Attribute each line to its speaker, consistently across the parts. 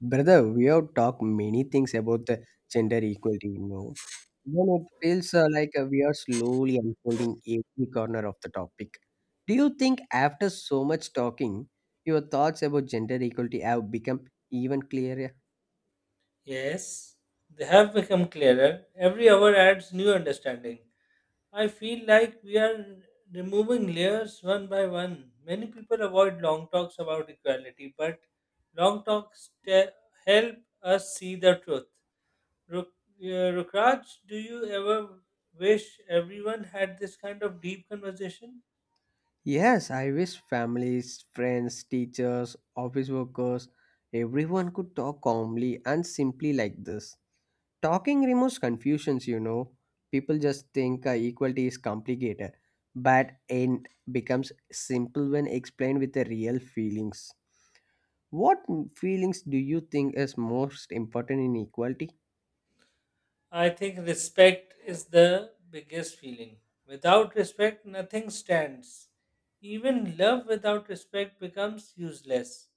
Speaker 1: Brother, we have talked many things about the gender equality, you know. Then it feels like we are slowly unfolding every corner of the topic. Do you think after so much talking, your thoughts about gender equality have become even clearer?
Speaker 2: Yes, they have become clearer. Every hour adds new understanding. I feel like we are removing layers one by one. Many people avoid long talks about equality, but long help us see the truth. Ruk- Rukraj, do you ever wish everyone had this kind of deep conversation?
Speaker 1: Yes, I wish families, friends, teachers, office workers, everyone could talk calmly and simply like this. Talking removes confusions, you know. People just think equality is complicated, but it becomes simple when explained with the real feelings. What feelings do you think is most important in equality?
Speaker 2: I think respect is the biggest feeling. Without respect, nothing stands. Even love without respect becomes useless.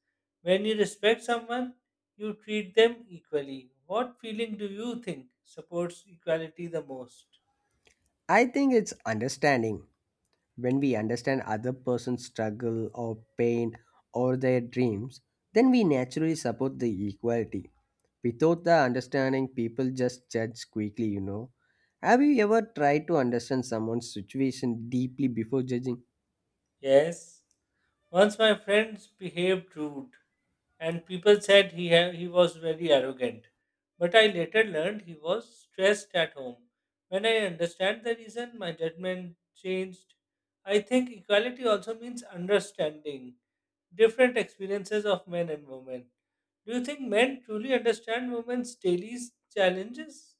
Speaker 2: When you respect someone, you treat them equally. What feeling do you think supports equality the most?
Speaker 1: I think it's understanding. When we understand other person's struggle or pain or their dreams, then we naturally support the equality. Without the understanding, people just judge quickly, you know. Have you ever tried to understand someone's situation deeply before judging?
Speaker 2: Yes. Once my friends behaved rude, and people said he was very arrogant. But I later learned he was stressed at home. When I understand the reason, my judgment changed. I think equality also means understanding different experiences of men and women. Do you think men truly understand women's daily challenges?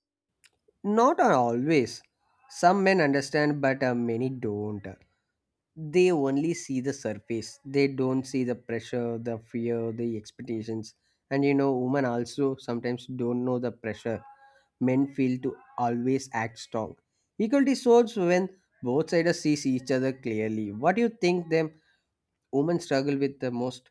Speaker 1: Not always. Some men understand, but many don't. They only see the surface. They don't see the pressure, the fear, the expectations. And you know, women also sometimes don't know the pressure. Men feel to always act strong. Equality solves when both sides see each other clearly. What do you think them women struggle with the most?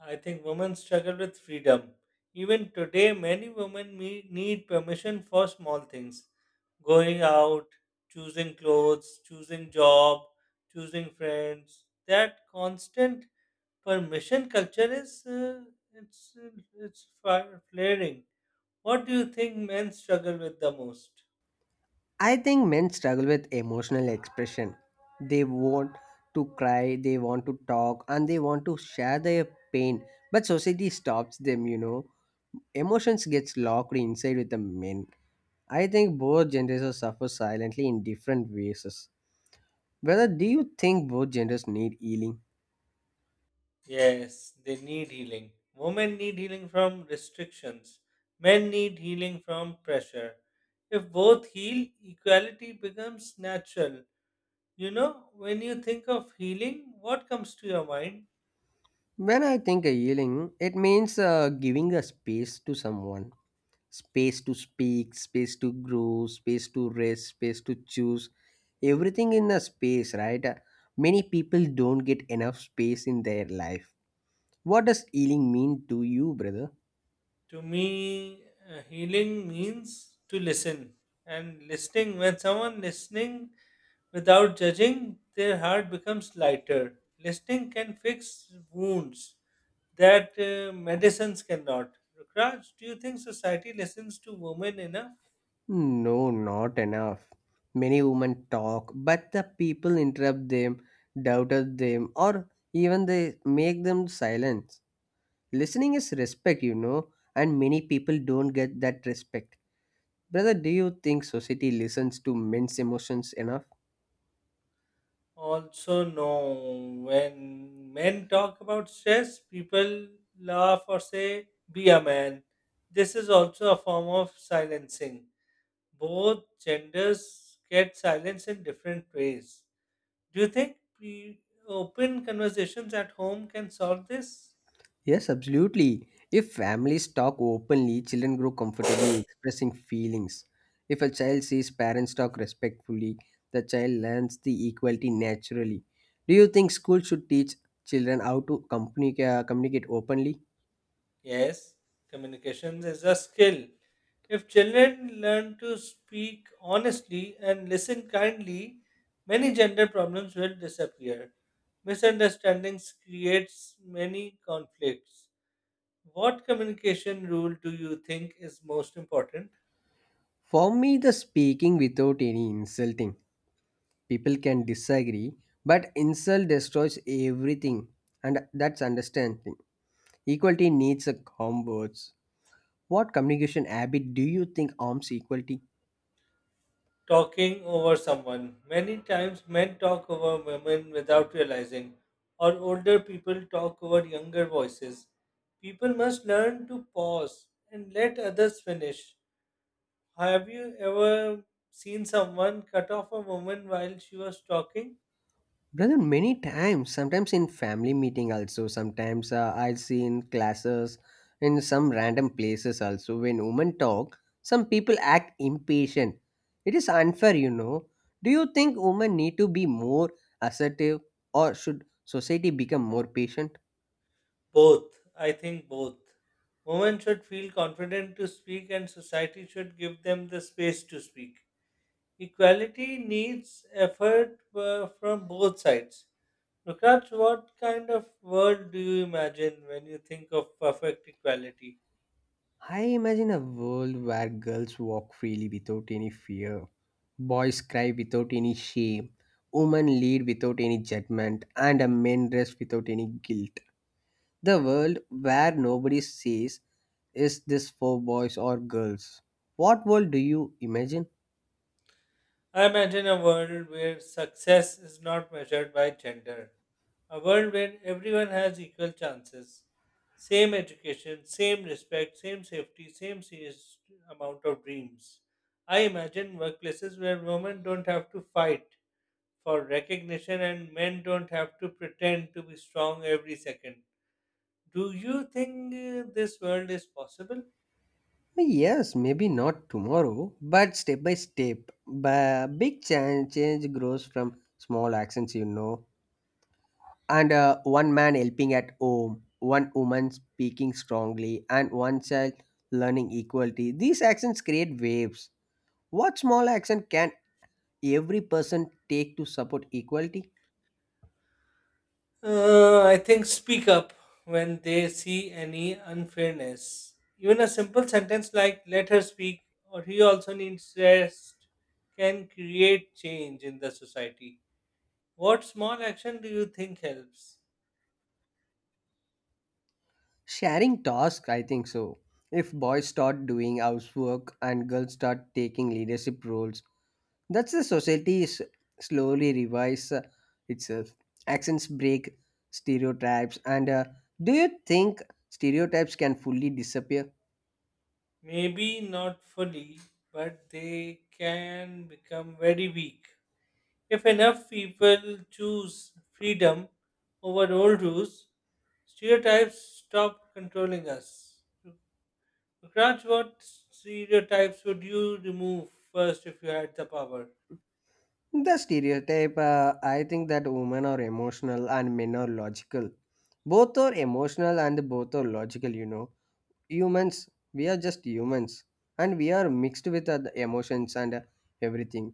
Speaker 2: I think women struggle with freedom. Even today, many women need permission for small things: going out, choosing clothes, choosing job, choosing friends. That constant permission culture is it's flaring. What do you think men struggle with the most?
Speaker 1: I think men struggle with emotional expression. They want to cry, they want to talk, and they want to share their pain. But society stops them, you know. Emotions gets locked inside with the men. I think both genders suffer silently in different ways. Whether do you think both genders need healing?
Speaker 2: Yes, they need healing. Women need healing from restrictions. Men need healing from pressure. If both heal, equality becomes natural. You know, when you think of healing, what comes to your mind?
Speaker 1: When I think a healing, it means giving a space to someone space to speak, space to grow, space to rest, space to choose. Everything in a space, right? Many people don't get enough space in their life. What does healing mean to you, brother?
Speaker 2: To me, healing means to listen. And listening, when someone listening without judging, their heart becomes lighter. Listening can fix wounds that medicines cannot. Rukraj, do you think society listens to women enough?
Speaker 1: No, not enough. Many women talk, but the people interrupt them, doubted them, or even they make them silent. Listening is respect, you know, and many people don't get that respect. Brother, do you think society listens to men's emotions enough?
Speaker 2: Also, no. When men talk about stress, people laugh or say, be a man. This is also a form of silencing. Both genders get silence in different ways. Do you think open conversations at home can solve this?
Speaker 1: Yes, absolutely. If families talk openly, children grow comfortably expressing feelings. If a child sees parents talk respectfully, the child learns the equality naturally. Do you think school should teach children how to communicate, communicate openly?
Speaker 2: Yes, communication is a skill. If children learn to speak honestly and listen kindly, many gender problems will disappear. Misunderstandings creates many conflicts. What communication rule do you think is most important?
Speaker 1: For me, the speaking without any insulting. People can disagree, but insult destroys everything, and that's understanding. Equality needs a calm words. What communication habit do you think harms equality?
Speaker 2: Talking over someone. Many times men talk over women without realizing, or older people talk over younger voices. People must learn to pause and let others finish. Have you ever seen someone cut off a woman while she was talking?
Speaker 1: Brother, many times, sometimes in family meeting also, sometimes I see in classes, in some random places also, when women talk, some people act impatient. It is unfair, you know. Do you think women need to be more assertive or should society become more patient?
Speaker 2: Both. I think both. Women should feel confident to speak, and society should give them the space to speak. Equality needs effort from both sides. Nukraj, what kind of world do you imagine when you think of perfect equality?
Speaker 1: I imagine a world where girls walk freely without any fear, boys cry without any shame, women lead without any judgment, and men rest without any guilt. The world where nobody says, is this for boys or girls? What world do you imagine?
Speaker 2: I imagine a world where success is not measured by gender, a world where everyone has equal chances, same education, same respect, same safety, same serious amount of dreams. I imagine workplaces where women don't have to fight for recognition, and men don't have to pretend to be strong every second. Do you think this world is possible?
Speaker 1: Yes, maybe not tomorrow, but step by step. Big change grows
Speaker 2: Okay.
Speaker 1: from small actions, you know. And one man helping at home, one woman speaking strongly, and one child learning equality. These actions create waves. What small action can every person take to support equality?
Speaker 2: I think speak up when they see any unfairness. Even a simple sentence like let her speak or he also needs rest can create change in the society. What small action do you think helps?
Speaker 1: Sharing tasks, I think so. If boys start doing housework and girls start taking leadership roles, that's the society is slowly revise itself. Accents break stereotypes, and do you think stereotypes can fully disappear?
Speaker 2: Maybe not fully, but they can become very weak. If enough people choose freedom over old rules, stereotypes stop controlling us. Raj, what stereotypes would you remove first if you had the power?
Speaker 1: The stereotype, I think that women are emotional and men are logical. Both are emotional and both are logical, you know, humans, we are just humans, and we are mixed with other emotions and everything.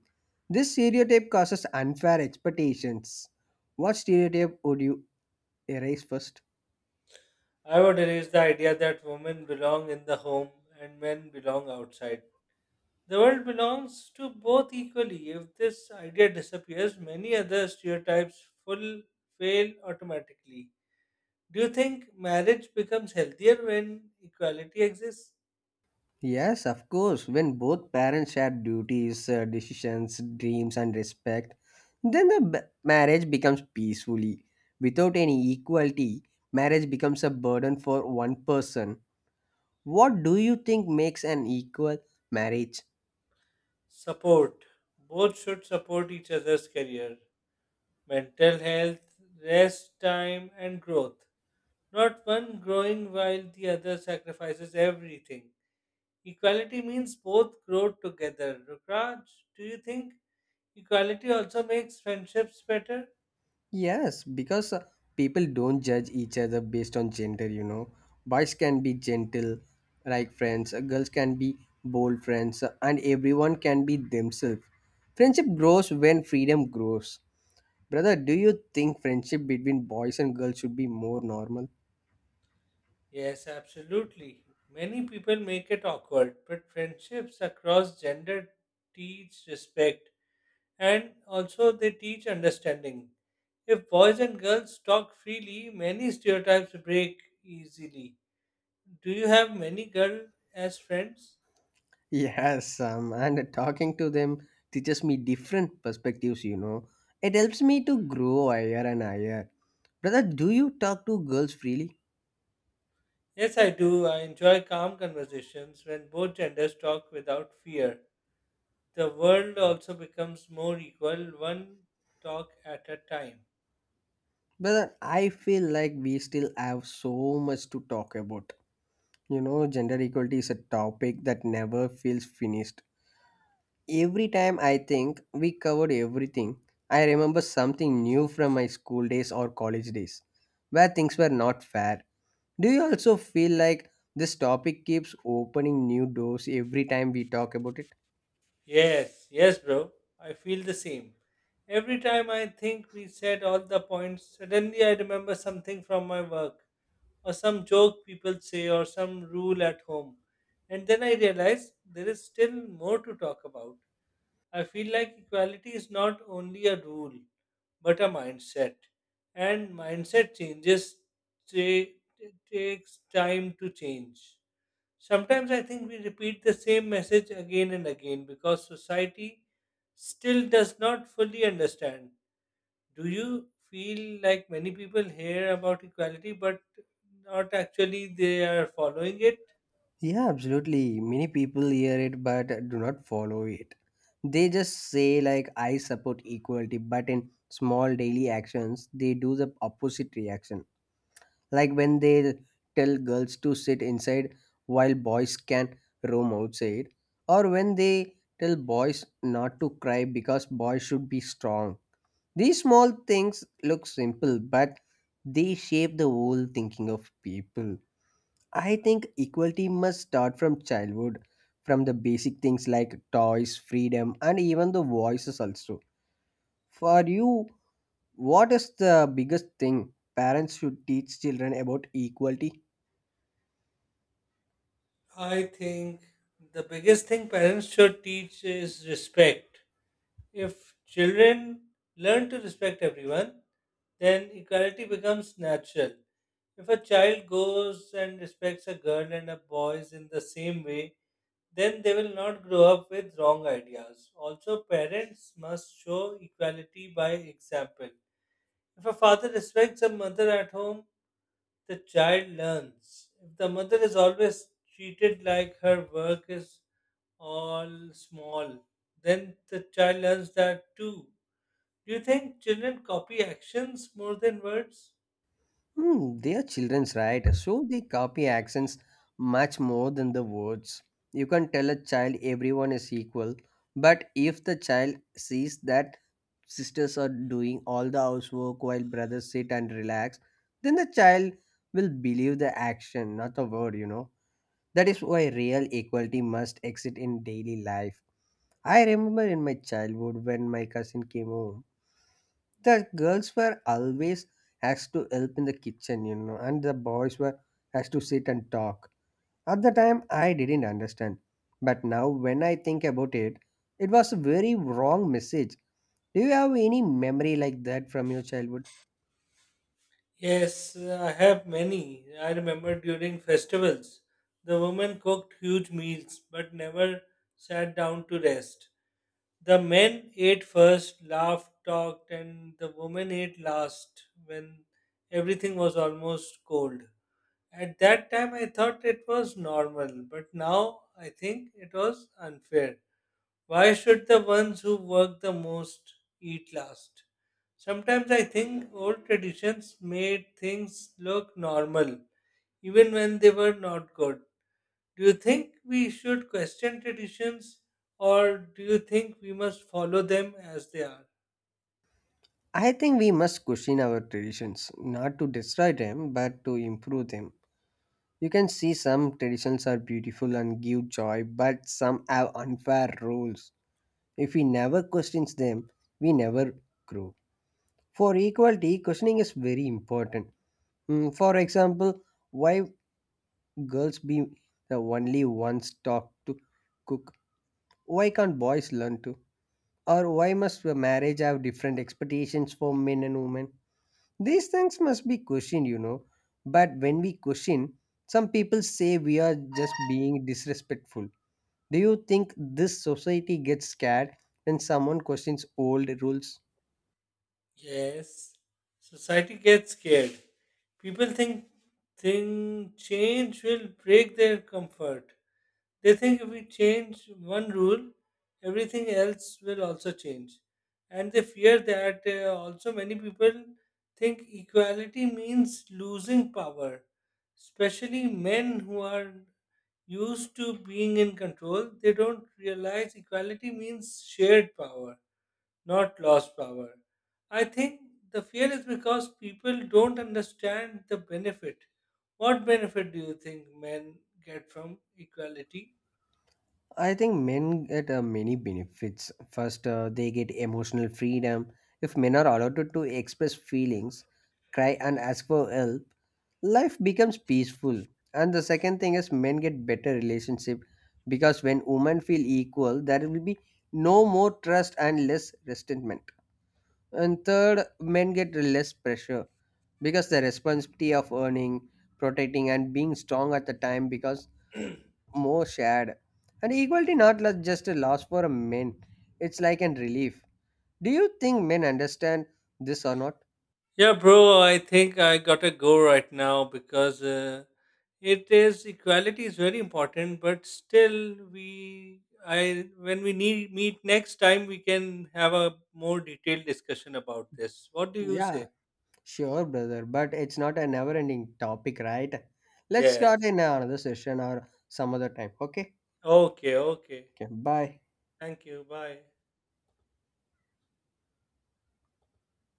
Speaker 1: This stereotype causes unfair expectations. What stereotype would you erase first?
Speaker 2: I would erase the idea that women belong in the home and men belong outside. The world belongs to both equally. If this idea disappears, many other stereotypes full fail automatically. Do you think marriage becomes healthier when equality exists?
Speaker 1: Yes, of course. When both parents share duties, decisions, dreams, and respect, then the marriage becomes peacefully. Without any equality, marriage becomes a burden for one person. What do you think makes an equal marriage?
Speaker 2: Support. Both should support each other's career, mental health, rest time, and growth. Not one growing while the other sacrifices everything. Equality means both grow together. Rukraj, do you think equality also makes friendships better?
Speaker 1: Yes, because people don't judge each other based on gender, you know. Boys can be gentle, like friends, girls can be bold friends, and everyone can be themselves. Friendship grows when freedom grows. Brother, do you think friendship between boys and girls should be more normal?
Speaker 2: Yes, absolutely. Many people make it awkward, but friendships across gender teach respect, and also they teach understanding. If boys and girls talk freely, many stereotypes break easily. Do you have many girls as friends?
Speaker 1: Yes, and talking to them teaches me different perspectives, you know. It helps me to grow higher and higher. Brother, do you talk to girls freely?
Speaker 2: Yes, I do. I enjoy calm conversations when both genders talk without fear. The world also becomes more equal, one talk at a time.
Speaker 1: But I feel like we still have so much to talk about. You know, gender equality is a topic that never feels finished. Every time I think we covered everything, I remember something new from my school days or college days where things were not fair. Do you also feel like this topic keeps opening new doors every time we talk about it?
Speaker 2: Yes, yes, bro. I feel the same. Every time I think we said all the points, suddenly I remember something from my work, or some joke people say, or some rule at home. And then I realize there is still more to talk about. I feel like equality is not only a rule, but a mindset. And mindset changes, ta- takes time to change. Sometimes I think we repeat the same message again and again because society still does not fully understand. Do you feel like many people hear about equality but not actually they are following it?
Speaker 1: Yeah, absolutely. Many people hear it but do not follow it. They just say like I support equality, but in small daily actions they do the opposite reaction. Like when they tell girls to sit inside while boys can roam outside, or when they tell boys not to cry because boys should be strong. These small things look simple, but they shape the whole thinking of people. I think equality must start from childhood, from the basic things like toys, freedom, and even the voices also. For you, what is the biggest thing parents should teach children about equality?
Speaker 2: I think the biggest thing parents should teach is respect. If children learn to respect everyone, then equality becomes natural. If a child goes and respects a girl and a boy in the same way, then they will not grow up with wrong ideas. Also, parents must show equality by example. If a father respects a mother at home, the child learns. If the mother is always treated like her work is all small, then the child learns that too. Do you think children copy actions more than words?
Speaker 1: Hmm, they are children's, right? So they copy accents much more than the words. You can tell a child everyone is equal, but if the child sees that sisters are doing all the housework while brothers sit and relax, then the child will believe the action, not the word, you know. That is why real equality must exist in daily life. I remember in my childhood when my cousin came home, the girls were always asked to help in the kitchen, you know, and the boys were asked to sit and talk. At the time I didn't understand, but now when I think about it, it was a very wrong message. Do you have any memory like that from your childhood?
Speaker 2: Yes, I have many. I remember during festivals, the women cooked huge meals but never sat down to rest. The men ate first, laughed, talked, and the women ate last when everything was almost cold. At that time, I thought it was normal, but now I think it was unfair. Why should the ones who work the most eat last? Sometimes I think old traditions made things look normal, even when they were not good. Do you think we should question traditions, or do you think we must follow them as they are?
Speaker 1: I think we must question our traditions, not to destroy them but to improve them. You can see some traditions are beautiful and give joy, but some have unfair rules. If we never question them, we never grow. For equality, questioning is very important. Mm, for example, why girls be the only ones taught to cook? Why can't boys learn to? Or why must a marriage have different expectations for men and women? These things must be questioned, you know. But when we question, some people say we are just being disrespectful. Do you think this society gets scared when someone questions old rules?
Speaker 2: Yes, society gets scared. People think change will break their comfort. They think if we change one rule, everything else will also change, and they fear that. Also, many people think equality means losing power, especially men who are used to being in control. They don't realize equality means shared power, not lost power. I think the fear is because people don't understand the benefit. What benefit do you think men get from equality?
Speaker 1: I think men get many benefits. First, they get emotional freedom. If men are allowed to express feelings, cry, and ask for help, life becomes peaceful. And the second thing is, men get better relationship because when women feel equal, there will be no more trust and less resentment. And third, men get less pressure because the responsibility of earning, protecting, and being strong at the time because more shared. And equality not lo- just a loss for men, it's like a relief. Do you think men understand this or not?
Speaker 2: Yeah, bro, I think I gotta go right now because it is, equality is very important, but still, we I when we need meet next time, we can have a more detailed discussion about this. What do you
Speaker 1: Yeah,
Speaker 2: say?
Speaker 1: sure, brother, but it's not a never ending topic, right? Let's start
Speaker 2: Yes.
Speaker 1: in another session or some other time, okay?
Speaker 2: Okay, okay.
Speaker 1: Okay, bye.
Speaker 2: Thank you. Bye.